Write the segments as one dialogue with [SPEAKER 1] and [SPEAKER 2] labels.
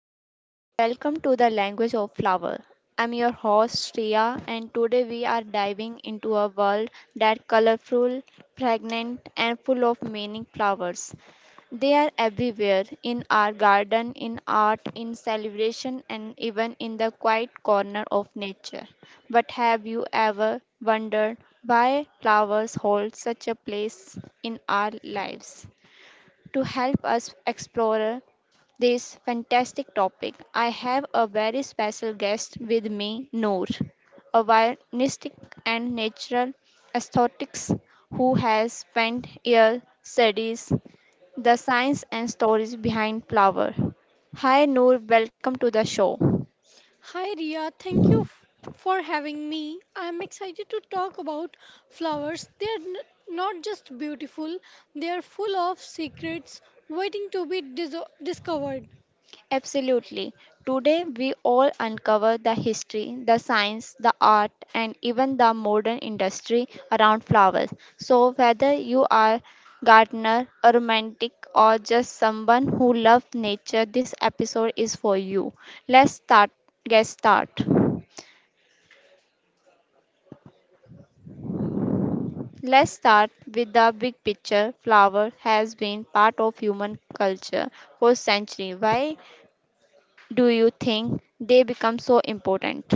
[SPEAKER 1] Hello and welcome to the language of flower. I'm your host Shreya and today we are diving into a world that colorful, pregnant and full of meaning flowers. They are everywhere in our garden, in art, in celebration and even in the quiet corner of nature. But have you ever wondered why flowers hold such a place in our lives? To help us explore this fantastic topic, I have a very special guest with me, Noor, a violist and natural aesthetics who has spent years studies the science and stories behind flower. Hi Noor, welcome to the show.
[SPEAKER 2] Hi Ria, thank you for having me. I am excited to talk about flowers. They are not just beautiful, they are full of secrets waiting to be discovered.
[SPEAKER 1] Absolutely. Today, we all uncover the history, the science, the art, and even the modern industry around flowers. So, whether you are gardener, a romantic, or just someone who loves nature, this episode is for you. Let's start. Get start. Let's start with the big picture. Flower has been part of human culture for centuries. Why do you think they become so important?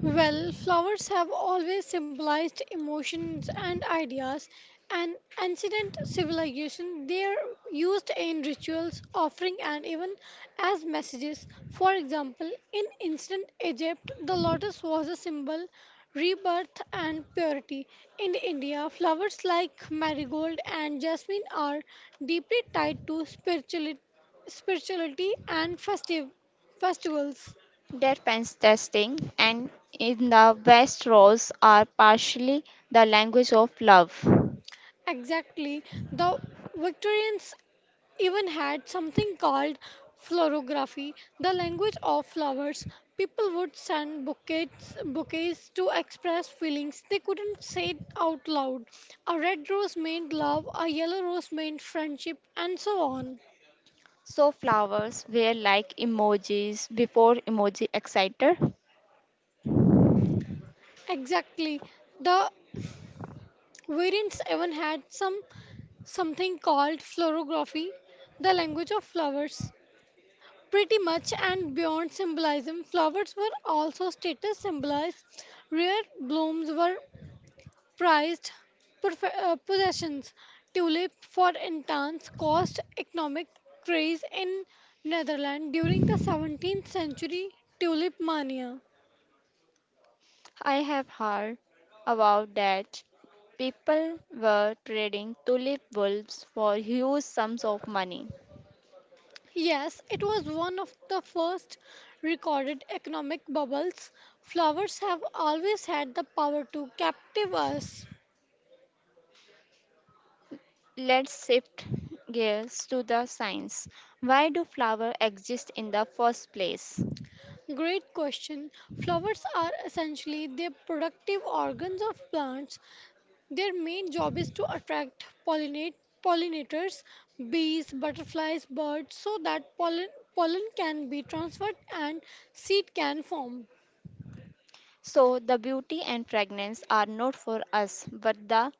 [SPEAKER 2] Well, flowers have always symbolized emotions and ideas, and ancient civilization they are used in rituals, offering, and even as messages. For example, in ancient Egypt, the lotus was a symbol rebirth and purity. In India, flowers like marigold and jasmine are deeply tied to spirituality and festive festivals.
[SPEAKER 1] Dead pens testing and in the West Rose are partially the language of love.
[SPEAKER 2] Exactly. The Victorians even had something called florography, the language of flowers. People would send bouquets to express feelings they couldn't say out loud. A red rose meant love, a yellow rose meant friendship, and so on.
[SPEAKER 1] So flowers were like emojis before emoji excited.
[SPEAKER 2] Exactly. The variants even had something called florography, the language of flowers. Pretty much and beyond symbolism, flowers were also status symbols. Rare blooms were prized possessions. Tulip, for instance, caused economic craze in Netherlands during the 17th century tulip mania.
[SPEAKER 1] I have heard about that. People were trading tulip bulbs for huge sums of money.
[SPEAKER 2] Yes, it was one of the first recorded economic bubbles. Flowers have always had the power to captive us.
[SPEAKER 1] Let's shift gears to the science. Why do flowers exist in the first place?
[SPEAKER 2] Great question. Flowers are essentially the productive organs of plants. Their main job is to attract pollinate pollinators, bees, butterflies, birds so that pollen can be transferred and seed can form.
[SPEAKER 1] So the beauty and fragrance are not for us but the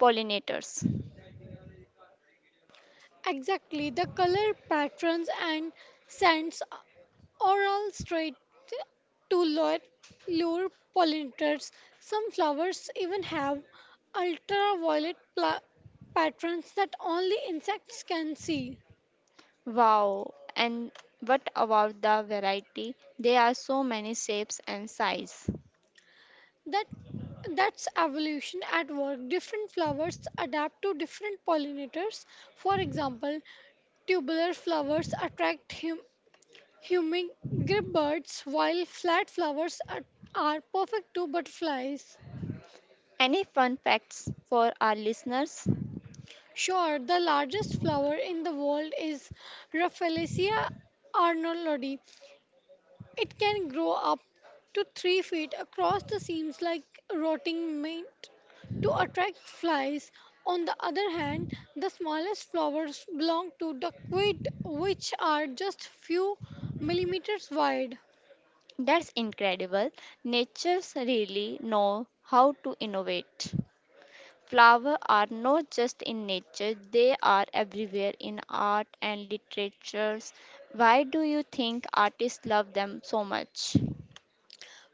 [SPEAKER 1] pollinators.
[SPEAKER 2] Exactly, the color patterns and scents are all straight to lure pollinators. Some flowers even have ultraviolet patterns that only insects can see.
[SPEAKER 1] Wow, and what about the variety? There are so many shapes and size.
[SPEAKER 2] That that's evolution at work. Different flowers adapt to different pollinators. For example, tubular flowers attract him Hummingbird birds, while flat are perfect to butterflies.
[SPEAKER 1] Any fun facts for our listeners?
[SPEAKER 2] Sure, the largest flower in the world is Rafflesia arnoldii. It can grow up to 3 feet across the seams like rotting meat to attract flies. On the other hand, the smallest flowers belong to duckweed, which are just few millimeters wide.
[SPEAKER 1] That's incredible. Nature's really know how to innovate. Flowers are not just in nature, they are everywhere in art and literatures. Why do you think artists love them so much?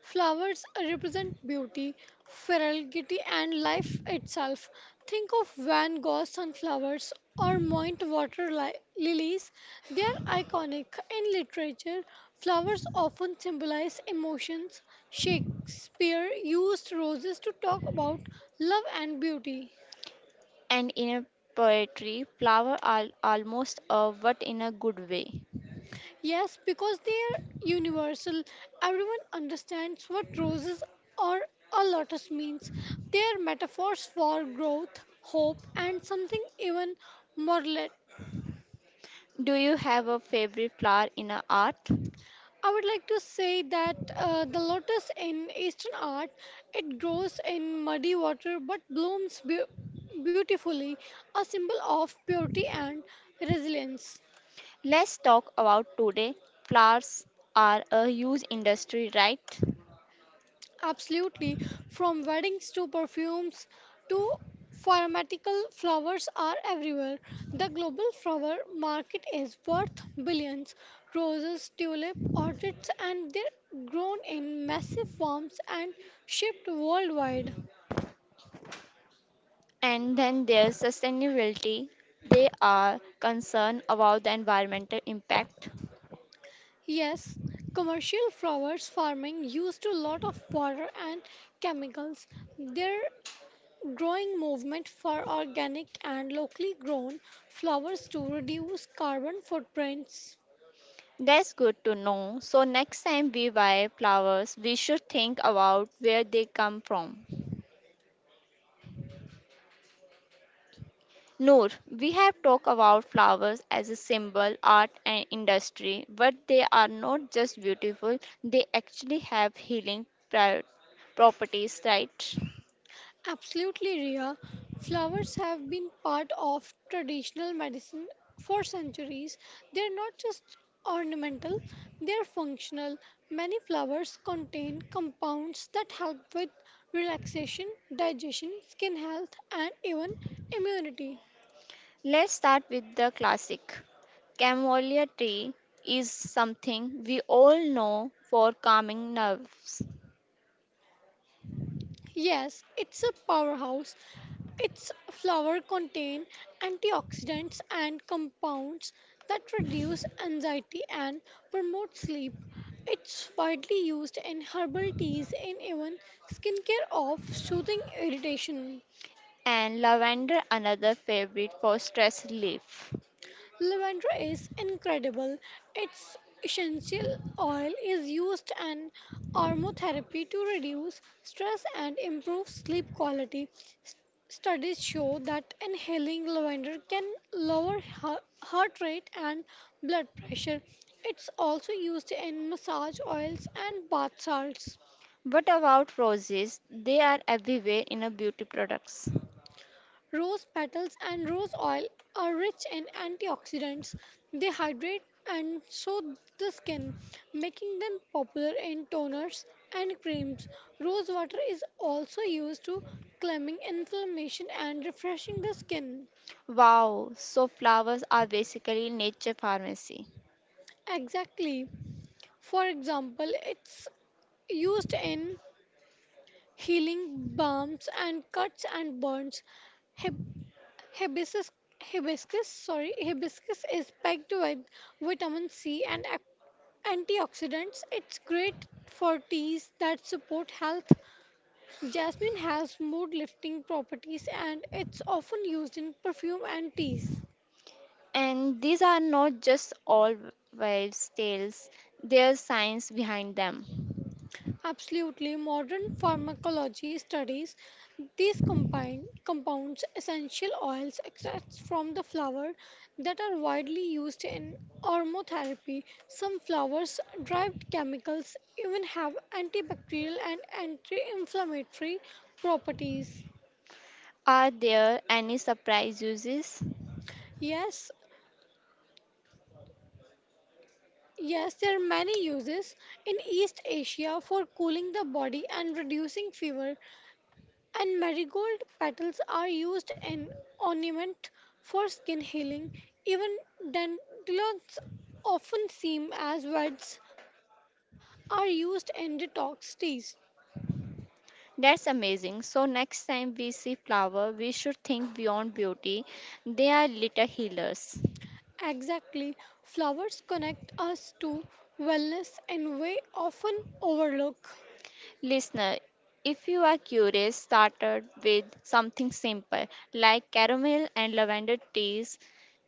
[SPEAKER 2] Flowers represent beauty, fertility, and life itself. Think of Van Gogh's sunflowers or Moint water lilies. They are iconic. In literature, flowers often symbolize emotions. Shakespeare used roses to talk about love and beauty.
[SPEAKER 1] And in a poetry, flower are almost a what in a good way.
[SPEAKER 2] Yes, because they are universal. Everyone understands what roses or a lotus means. They are metaphors for growth, hope, and something even more lit.
[SPEAKER 1] Do you have a favorite flower in a art?
[SPEAKER 2] I would like to say that the lotus in Eastern art, it grows in muddy water but blooms beautifully, a symbol of purity and resilience.
[SPEAKER 1] Let's talk about today. Flowers are a huge industry, right?
[SPEAKER 2] Absolutely. From weddings to perfumes to pharmaceutical flowers are everywhere. The global flower market is worth billions. Roses, tulip, orchids, and they're grown in massive farms and shipped worldwide.
[SPEAKER 1] And then there's sustainability. They are concerned about the environmental impact.
[SPEAKER 2] Yes, commercial flowers farming used a lot of water and chemicals. There growing movement for organic and locally grown flowers to reduce carbon footprints.
[SPEAKER 1] That's good to know. So next time we buy flowers, we should think about where they come from. Noor, we have talked about flowers as a symbol, art, and industry, but they are not just beautiful, they actually have healing properties, right?
[SPEAKER 2] Absolutely, Ria. Flowers have been part of traditional medicine for centuries. They are not just ornamental, they are functional. Many flowers contain compounds that help with relaxation, digestion, skin health, and even immunity.
[SPEAKER 1] Let's start with the classic. Camellia tree is something we all know for calming nerves,
[SPEAKER 2] Yes, it's a powerhouse. Its flower contain antioxidants and compounds that reduce anxiety and promote sleep. It's widely used in herbal teas and even skincare of soothing irritation.
[SPEAKER 1] and lavender, another favorite for stress relief.
[SPEAKER 2] Lavender is incredible. Its essential oil is used in aromatherapy to reduce stress and improve sleep quality. S- Studies show that inhaling lavender can lower heart rate and blood pressure. It's also used in massage oils and bath salts.
[SPEAKER 1] What about roses? They are everywhere in a beauty products.
[SPEAKER 2] Rose petals and rose oil are rich in antioxidants. They hydrate and soothe the skin, making them popular in toners and creams. Rose water is also used to calming inflammation and refreshing the skin.
[SPEAKER 1] Wow, so flowers are basically nature pharmacy.
[SPEAKER 2] Exactly. For example, it's used in healing balms and cuts and burns. Hip- Hibiscus, Hibiscus is packed with vitamin C and antioxidants. It's great for teas that support health. Jasmine has mood lifting properties and it's often used in perfume and teas.
[SPEAKER 1] And these are not just all wives' tales, there's science behind them.
[SPEAKER 2] Absolutely, modern pharmacology studies these combined compounds, essential oils, extracts from the flower that are widely used in aromatherapy. Some flowers-derived chemicals even have antibacterial and anti-inflammatory properties.
[SPEAKER 1] Are there any surprise uses?
[SPEAKER 2] Yes, yes, there are many uses in East Asia for cooling the body and reducing fever. And marigold petals are used in ornament for skin healing. Even dandelions often seen as weeds, are used in detox teas.
[SPEAKER 1] That's amazing. So, next time we see flower, we should think beyond beauty. They are little healers.
[SPEAKER 2] Exactly, flowers connect us to wellness in way often overlook.
[SPEAKER 1] Listener, if you are curious, started with something simple like caramel and lavender teas.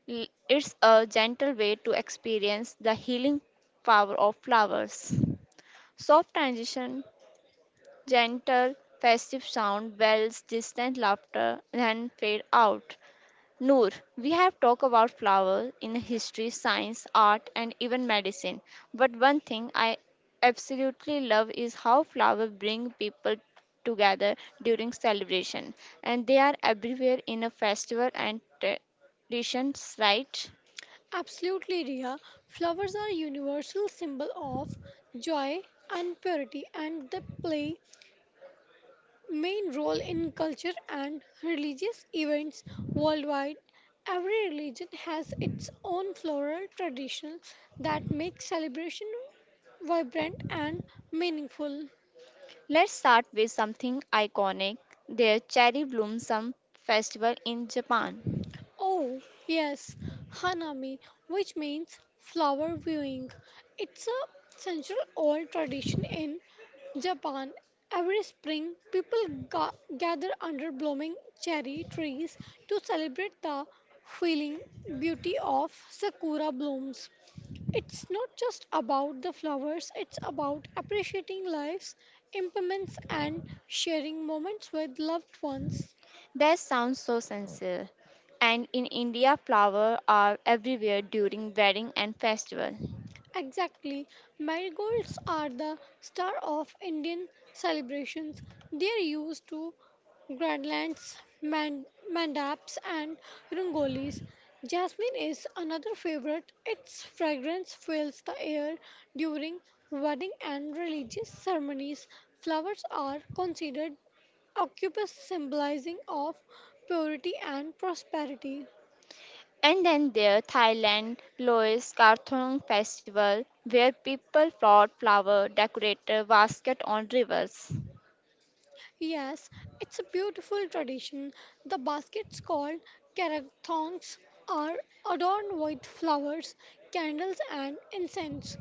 [SPEAKER 1] It's a gentle way to experience the healing power of flowers. Soft transition, gentle, festive sound, bells, distant laughter, then fade out. Noor, we have talked about flowers in history, science, art, and even medicine. But one thing I absolutely love is how flowers bring people together during celebration, and they are everywhere in a festival and traditions, right?
[SPEAKER 2] Absolutely, Ria. Flowers are universal symbol of joy and purity, and they play main role in culture and religious events worldwide. Every religion has its own floral tradition that makes celebration vibrant and meaningful.
[SPEAKER 1] Let's start with something iconic: their cherry blossom festival in Japan.
[SPEAKER 2] Oh, yes, Hanami, which means flower viewing. It's a century old tradition in Japan. Every spring, people gather under blooming cherry trees to celebrate the feeling beauty of sakura blooms. It's not just about the flowers, it's about appreciating life's impermanence and sharing moments with loved ones.
[SPEAKER 1] That sounds so sincere. And in India, flowers are everywhere during wedding and festival.
[SPEAKER 2] Exactly. Marigolds are the star of Indian celebrations. They are used to Grandlands, Mandaps, and Rangolis. Jasmine is another favorite. Its fragrance fills the air during wedding and religious ceremonies. Flowers are considered occupus symbolizing of purity and prosperity.
[SPEAKER 1] And then there Thailand Lois Karthong Festival where people brought flower decorated basket on rivers.
[SPEAKER 2] Yes, it's a beautiful tradition. The baskets called karathongs are adorned with flowers, candles, and incense.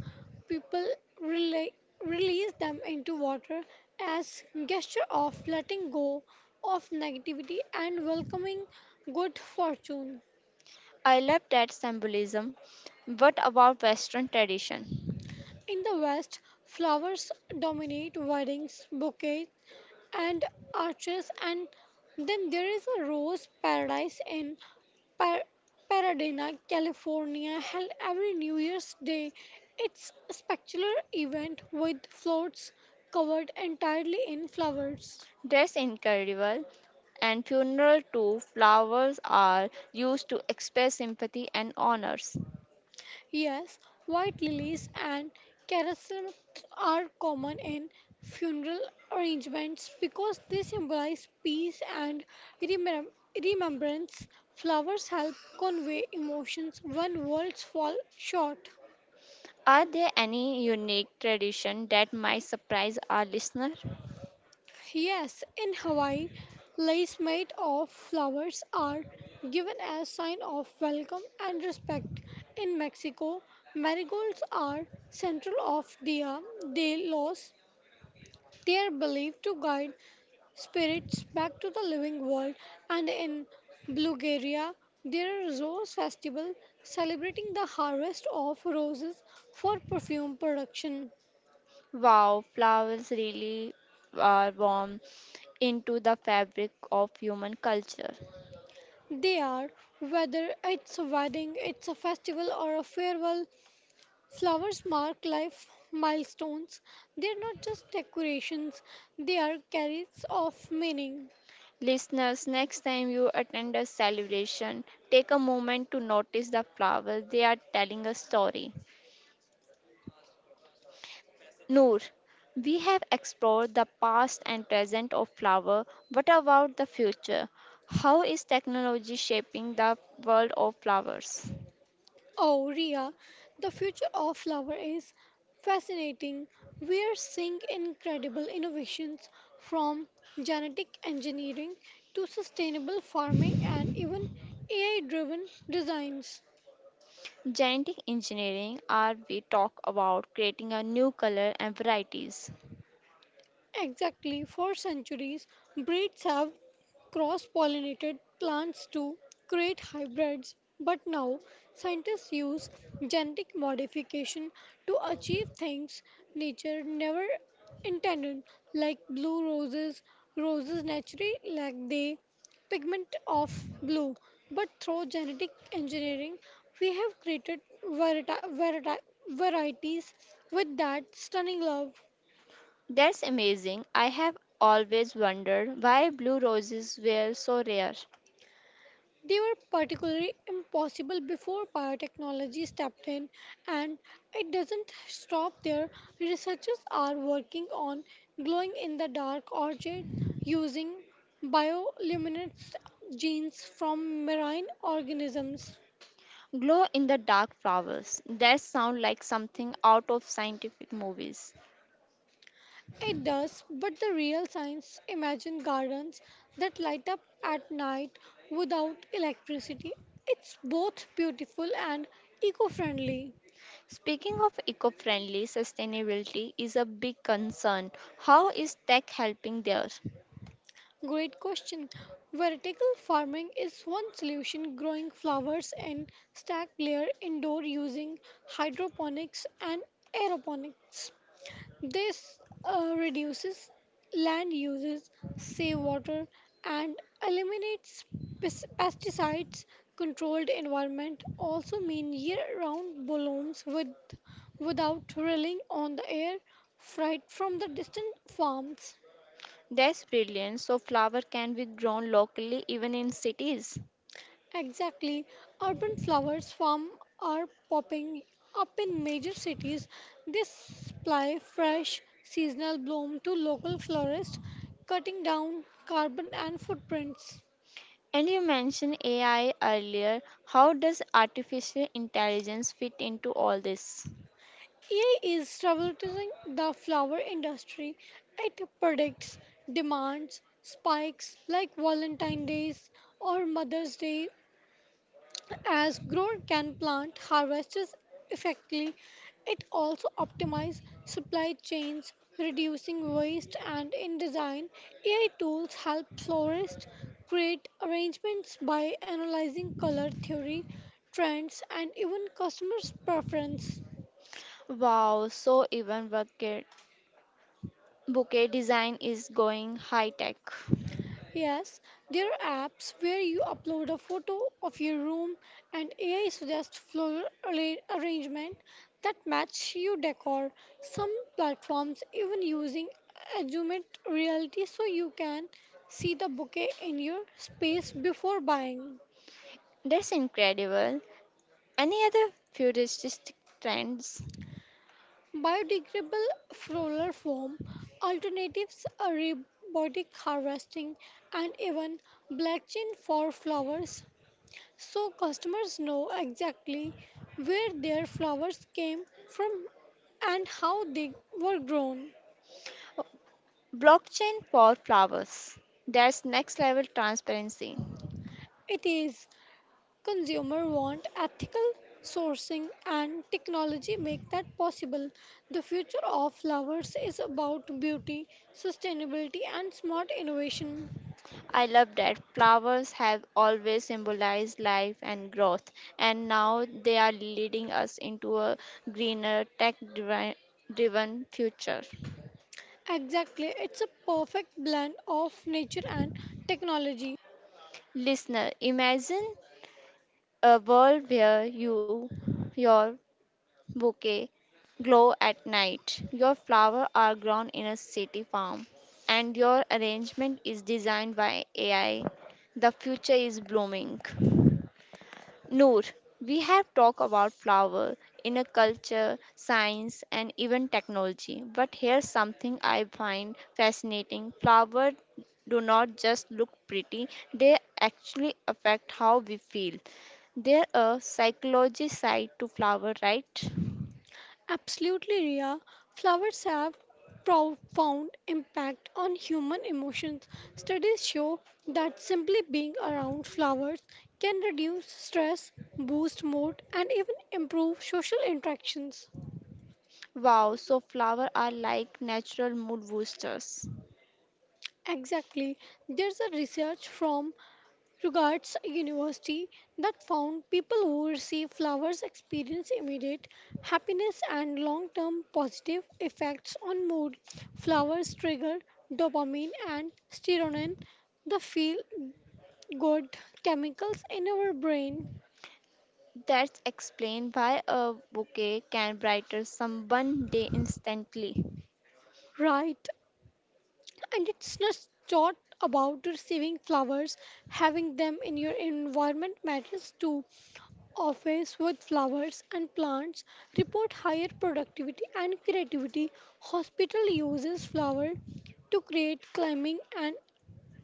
[SPEAKER 2] People rela release them into water as gesture of letting go of negativity and welcoming good fortune.
[SPEAKER 1] I love that symbolism. What about Western tradition?
[SPEAKER 2] In the West, flowers dominate weddings, bouquets, and arches and then there is a rose paradise in Par- Paradena, California held every New Year's Day. It's a spectacular event with floats covered entirely in flowers.
[SPEAKER 1] That's incredible. And funeral too, flowers are used to express sympathy and honors.
[SPEAKER 2] Yes, white lilies and chrysanthemums are common in funeral arrangements because they symbolize peace and remem- remembrance. Flowers help convey emotions when words fall short.
[SPEAKER 1] Are there any unique tradition that might surprise our listener?
[SPEAKER 2] Yes, in Hawaii, lace made of flowers are given as sign of welcome and respect. In Mexico, marigolds are central of Dia de los They are believed to guide spirits back to the living world, and in Bulgaria, there is a rose festival celebrating the harvest of roses for perfume production.
[SPEAKER 1] Wow, flowers really are warm into the fabric of human culture.
[SPEAKER 2] They are, whether it's a wedding, it's a festival, or a farewell, flowers mark life milestones. They're not just decorations, they are carriers of meaning.
[SPEAKER 1] Listeners, next time you attend a celebration, take a moment to notice the flowers. They are telling a story. Noor, we have explored the past and present of flower. What about the future? How is technology shaping the world of flowers?
[SPEAKER 2] Oh, Ria, the future of flower is fascinating. We're seeing incredible innovations from genetic engineering to sustainable farming and even AI driven designs.
[SPEAKER 1] Genetic engineering, or we talk about creating a new color and varieties.
[SPEAKER 2] Exactly, for centuries, breeds have cross-pollinated plants to create hybrids, but now scientists use genetic modification to achieve things nature never intended, like blue roses. Roses naturally lack the pigment of blue, but through genetic engineering, we have created varieti- varieti- varieties with that stunning love
[SPEAKER 1] That's amazing. I have always wondered why blue roses were so rare.
[SPEAKER 2] They were particularly impossible before biotechnology stepped in, and it doesn't stop there. Researchers are working on glowing in the dark orchids using bioluminescent genes from marine organisms.
[SPEAKER 1] Glow in the dark flowers. That sound like something out of scientific movies.
[SPEAKER 2] It does, but the real science imagine gardens that light up at night without electricity. It's both beautiful and eco friendly.
[SPEAKER 1] Speaking of eco-friendly, sustainability is a big concern. How is tech helping there?
[SPEAKER 2] Great question. Vertical farming is one solution, growing flowers in stacked layer indoor using hydroponics and aeroponics. This reduces land uses, save water, and eliminates pesticides. Controlled environment also mean year-round blooms with without relying on the air freight from the distant farms.
[SPEAKER 1] That's brilliant. So flower can be grown locally even in cities.
[SPEAKER 2] Exactly. Urban flowers farm are popping up in major cities. They supply fresh seasonal bloom to local florists, cutting down carbon and footprints.
[SPEAKER 1] And you mentioned AI earlier. How does artificial intelligence fit into all this?
[SPEAKER 2] AI is revolutionizing the flower industry. It predicts demands, spikes like Valentine's Days or Mother's Day As grower can plant harvests effectively, it also optimizes supply chains, reducing waste and in design, AI tools help florists create arrangements by analyzing color theory, trends, and even customers' preference.
[SPEAKER 1] Wow, so even bouquet design is going high tech.
[SPEAKER 2] Yes, there are apps where you upload a photo of your room and AI suggests floral arrangement that match your decor. Some platforms even using augmented reality so you can see the bouquet in your space before buying.
[SPEAKER 1] That's incredible. Any other futuristic trends?
[SPEAKER 2] Biodegradable floral foam, alternatives are robotic harvesting and even blockchain for flowers so customers know exactly where their flowers came from and how they were grown.
[SPEAKER 1] Blockchain for flowers. That's next level transparency.
[SPEAKER 2] It is consumer want ethical sourcing and technology make that possible. The future of flowers is about beauty, sustainability and smart innovation.
[SPEAKER 1] I love that flowers have always symbolized life and growth, and now they are leading us into a greener, tech driven future.
[SPEAKER 2] Exactly, it's a perfect blend of nature and technology.
[SPEAKER 1] Listener, imagine a world where you your bouquet glow at night. Your flowers are grown in a city farm, and your arrangement is designed by AI. The future is blooming. Noor, we have talked about flower in a culture, science, and even technology. But here's something I find fascinating. Flowers do not just look pretty, they actually affect how we feel. There a psychology side to flower, right?
[SPEAKER 2] Absolutely, Ria. Flowers have profound impact on human emotions. Studies show that simply being around flowers can reduce stress, boost mood, and even improve social interactions.
[SPEAKER 1] Wow, so flowers are like natural mood boosters.
[SPEAKER 2] Exactly. There's a research from Regards a university that found people who receive flowers experience immediate happiness and long term positive effects on mood. Flowers trigger dopamine and serotonin, the feel good chemicals in our brain,
[SPEAKER 1] That's explained why a bouquet can brighten someone's day instantly.
[SPEAKER 2] right? And it's not just about receiving flowers, having them in your environment matters too. Office with flowers and plants report higher productivity and creativity. Hospital uses flower to create climbing and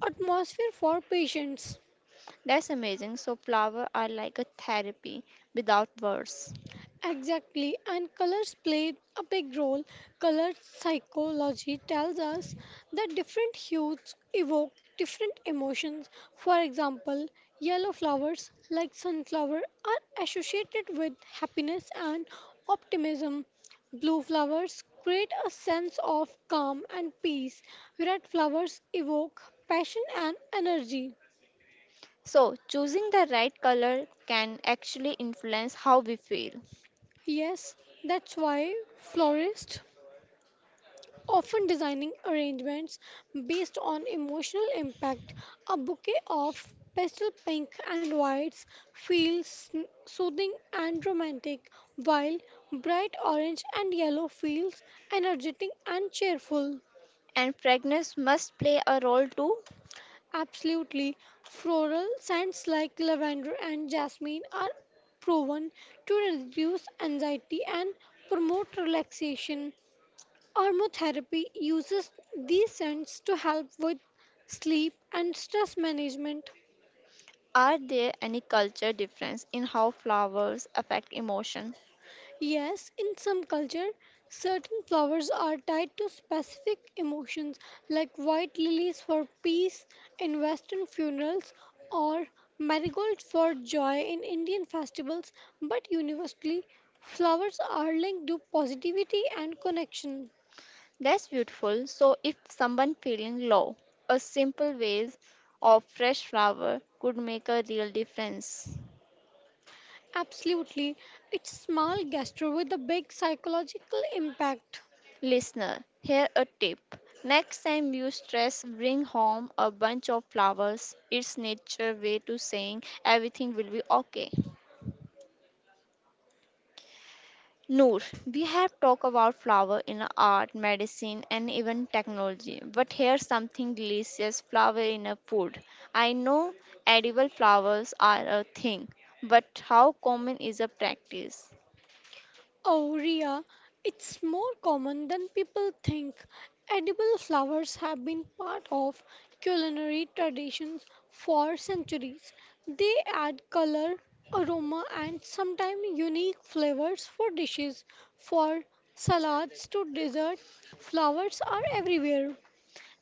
[SPEAKER 2] atmosphere for patients.
[SPEAKER 1] That's amazing. So flowers are like a therapy without words.
[SPEAKER 2] Exactly, and colors play a big role. Color psychology tells us that different hues evoke different emotions. For example, yellow flowers like sunflower are associated with happiness and optimism. Blue flowers create a sense of calm and peace. Red flowers evoke passion and energy.
[SPEAKER 1] So choosing the right color can actually influence how we feel.
[SPEAKER 2] Yes, that's why florists often designing arrangements based on emotional impact. A bouquet of pastel pink and whites feels soothing and romantic, while bright orange and yellow feels energetic and cheerful.
[SPEAKER 1] And fragrance must play a role too.
[SPEAKER 2] Absolutely, floral scents like lavender and jasmine are proven to reduce anxiety and promote relaxation. Aromatherapy uses these scents to help with sleep and stress management.
[SPEAKER 1] Are there any culture difference in how flowers affect emotion?
[SPEAKER 2] Yes, in some culture, certain flowers are tied to specific emotions like white lilies for peace in western funerals or marigolds for joy in Indian festivals, but universally, flowers are linked to positivity and connection.
[SPEAKER 1] That's beautiful. So, if someone feeling low, a simple vase of fresh flower could make a real difference.
[SPEAKER 2] Absolutely, it's small gesture with a big psychological impact.
[SPEAKER 1] Listener, here a tip. Next time you stress, bring home a bunch of flowers. It's nature way to saying everything will be okay. Noor, we have talked about flower in art, medicine, and even technology. But here's something delicious flower in a food. I know edible flowers are a thing, but how common is a practice?
[SPEAKER 2] Oh, Ria, it's more common than people think. Edible flowers have been part of culinary traditions for centuries. They add color, aroma, and sometimes unique flavors for dishes, for salads to dessert. Flowers are everywhere.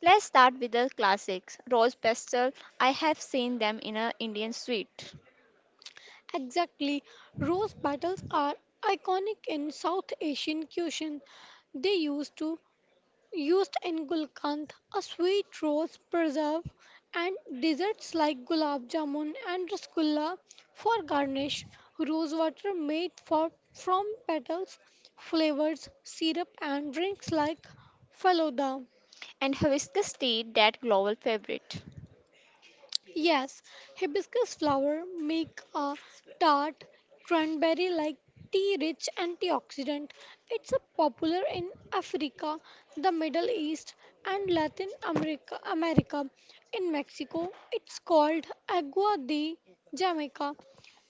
[SPEAKER 1] Let's start with the classics. Rose petal, I have seen them in a Indian sweet.
[SPEAKER 2] Exactly, rose petals are iconic in South Asian cuisine. They used in gulkand, a sweet rose preserve, and desserts like gulab jamun and rasgulla for garnish, rose water made from petals, flavors, syrup, and drinks like falooda.
[SPEAKER 1] And hibiscus tea, that global favorite.
[SPEAKER 2] Yes, hibiscus flower make a tart cranberry like tea rich antioxidant. It's a popular in Africa, the Middle East and Latin America. In Mexico, it's called agua de Jamaica.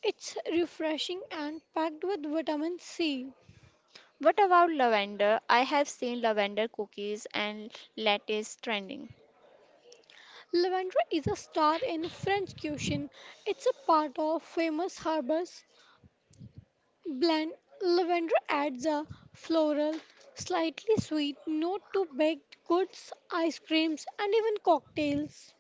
[SPEAKER 2] It's refreshing and packed with vitamin C.
[SPEAKER 1] What about lavender? I have seen lavender cookies and lattes trending.
[SPEAKER 2] Lavender is a star in French cuisine. It's a part of famous harbors Blend lavender adds a floral, slightly sweet note to baked goods, ice creams, and even cocktails.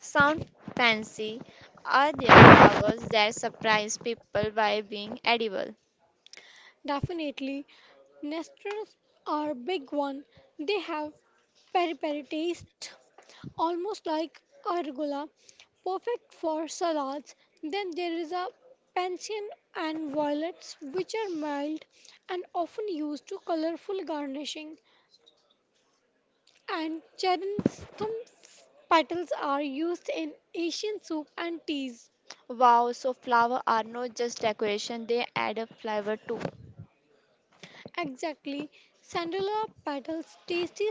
[SPEAKER 1] Sound fancy? Are there flowers that surprise people by being edible?
[SPEAKER 2] Definitely, Nestlers are a big one. They have peri peri taste, almost like arugula, perfect for salads. Then there is a Pansian and violets, which are mild and often used to colorful garnishing. And chrysanthemum petals are used in Asian soup and teas.
[SPEAKER 1] Wow, so flowers are not just decoration, they add a flavor too.
[SPEAKER 2] Exactly, sandalwood petals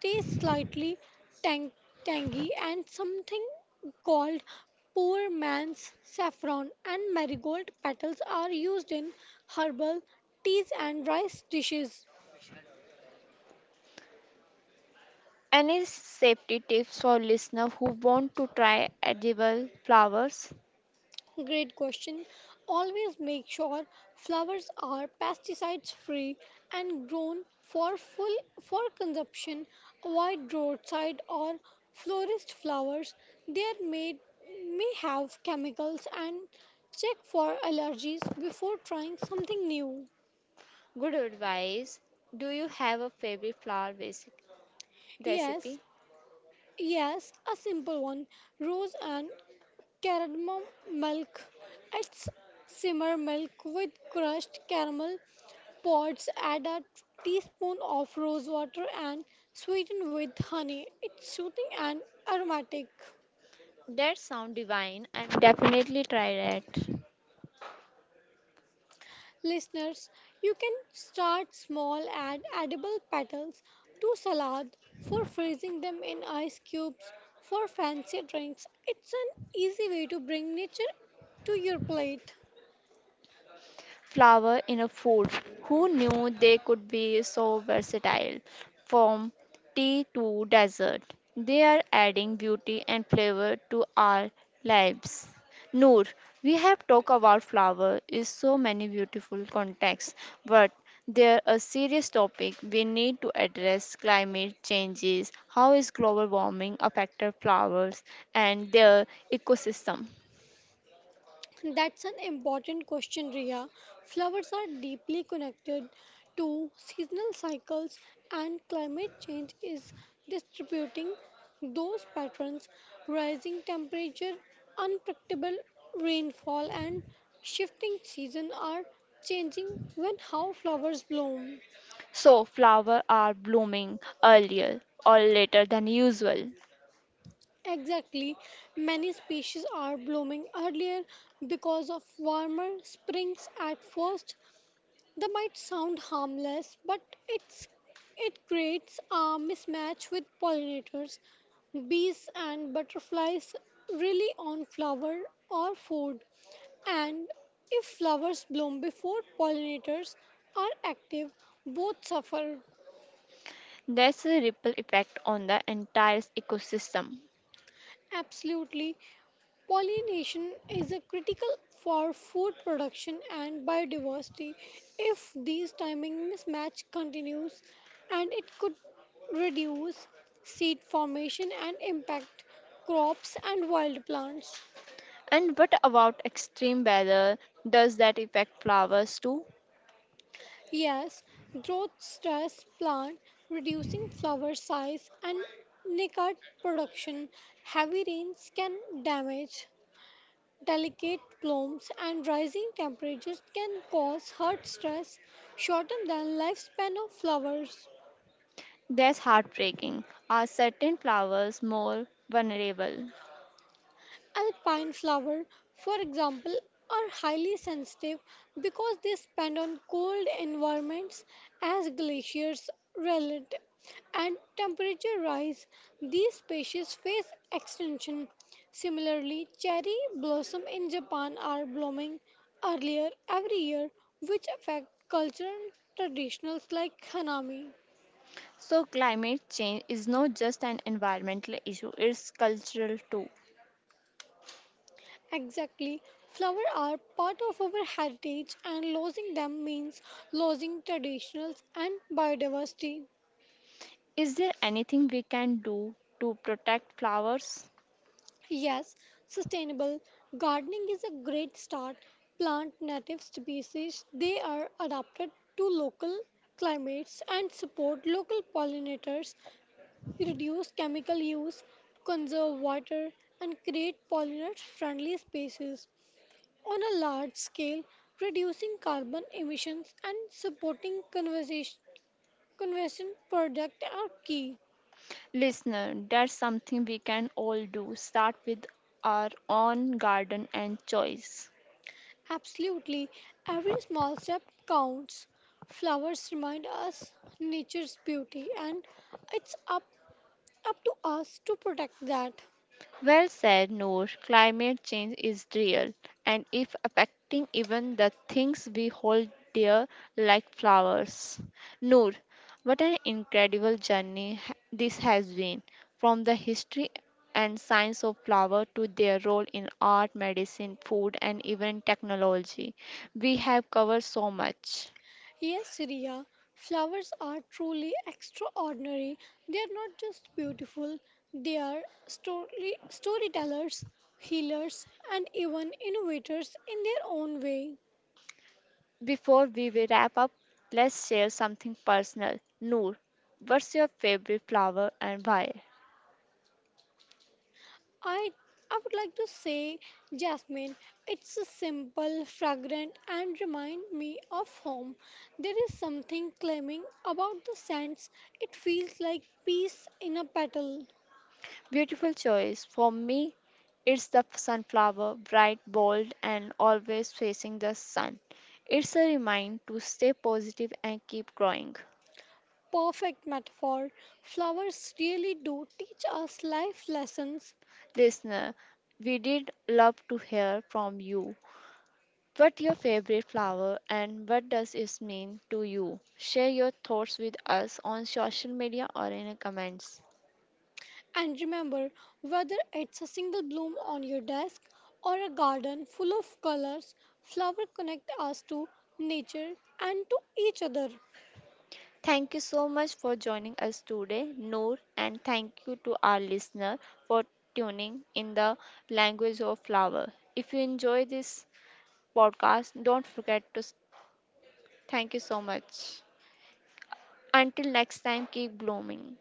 [SPEAKER 2] taste slightly tang, tangy and something called poor man's saffron and marigold petals are used in herbal teas and rice dishes.
[SPEAKER 1] Any safety tips for listener who want to try edible flowers?
[SPEAKER 2] Great question. Always make sure flowers are pesticides free and grown for consumption. Avoid roadside or florist flowers. They are made may have chemicals and check for allergies before trying something new.
[SPEAKER 1] Good advice. Do you have a favorite flower basic
[SPEAKER 2] Yes,
[SPEAKER 1] recipe?
[SPEAKER 2] yes, a simple one. Rose and caramel milk. It's simmer milk with crushed caramel pods. Add a teaspoon of rose water and sweeten with honey. It's soothing and aromatic.
[SPEAKER 1] That sound divine. I'm definitely try that.
[SPEAKER 2] Listeners, you can start small. Add edible petals to salad for freezing them in ice cubes for fancy drinks. It's an easy way to bring nature to your plate.
[SPEAKER 1] Flour in a food. Who knew they could be so versatile? From tea to dessert, they are adding beauty and flavor to our lives. Noor, we have talked about flower in so many beautiful contexts, but there a serious topic we need to address climate changes. How is global warming affecting flowers and their ecosystem?
[SPEAKER 2] That's an important question, Riya. Flowers are deeply connected to seasonal cycles, and climate change is distributing those patterns. Rising temperature, unpredictable rainfall, and shifting season are changing when how flowers bloom.
[SPEAKER 1] So flowers are blooming earlier or later than usual.
[SPEAKER 2] Exactly, many species are blooming earlier because of warmer springs at first. That might sound harmless, but it's it creates a mismatch with pollinators. Bees and butterflies rely on flower or food, and if flowers bloom before pollinators are active, both suffer.
[SPEAKER 1] There's a ripple effect on the entire ecosystem.
[SPEAKER 2] Absolutely. Pollination is a critical for food production and biodiversity. If these timing mismatch continues, and it could reduce seed formation and impact crops and wild plants.
[SPEAKER 1] And what about extreme weather? Does that affect flowers too?
[SPEAKER 2] Yes, growth stress plant reducing flower size and nicotine production. Heavy rains can damage delicate blooms and rising temperatures can cause heat stress, shorten the lifespan of flowers.
[SPEAKER 1] That's heartbreaking. Are certain flowers more vulnerable?
[SPEAKER 2] Alpine flower, for example, are highly sensitive because they spend on cold environments as glaciers relent and temperature rise. These species face extinction. Similarly, cherry blossom in Japan are blooming earlier every year, which affect cultural traditions like hanami.
[SPEAKER 1] So climate change is not just an environmental issue, it's cultural too.
[SPEAKER 2] Exactly. Flowers are part of our heritage, and losing them means losing traditions and biodiversity.
[SPEAKER 1] Is there anything we can do to protect flowers?
[SPEAKER 2] Yes, sustainable gardening is a great start. Plant native species, they are adapted to local climates and support local pollinators, reduce chemical use, conserve water, and create pollinator friendly spaces. On a large scale, reducing carbon emissions and supporting conversation, conversion product are key.
[SPEAKER 1] Listener, that's something we can all do. Start with our own garden and choice.
[SPEAKER 2] Absolutely, every small step counts. Flowers remind us nature's beauty, and it's up to us to protect that.
[SPEAKER 1] Well said, Noor. Climate change is real and if affecting even the things we hold dear like flowers. Noor, what an incredible journey this has been from the history and science of flower to their role in art, medicine, food and even technology. We have covered so much.
[SPEAKER 2] Yes, Riya, flowers are truly extraordinary. They are not just beautiful, they are storytellers, healers, and even innovators in their own way.
[SPEAKER 1] Before we will wrap up, let's share something personal. Noor, what's your favorite flower and why?
[SPEAKER 2] I, I would like to say jasmine. It's a simple, fragrant, and remind me of home. There is something claiming about the scents. It feels like peace in a petal.
[SPEAKER 1] Beautiful choice. For me, it's the sunflower, bright, bold, and always facing the sun. It's a reminder to stay positive and keep growing.
[SPEAKER 2] Perfect metaphor. Flowers really do teach us life lessons.
[SPEAKER 1] Listener, we did love to hear from you. What your favorite flower and what does it mean to you? Share your thoughts with us on social media or in the comments.
[SPEAKER 2] And remember, whether it's a single bloom on your desk or a garden full of colors, flowers connect us to nature and to each other.
[SPEAKER 1] Thank you so much for joining us today, Noor, and thank you to our listener for tuning in the language of flower. If you enjoy this podcast, don't forget to thank you so much. Until next time, keep blooming.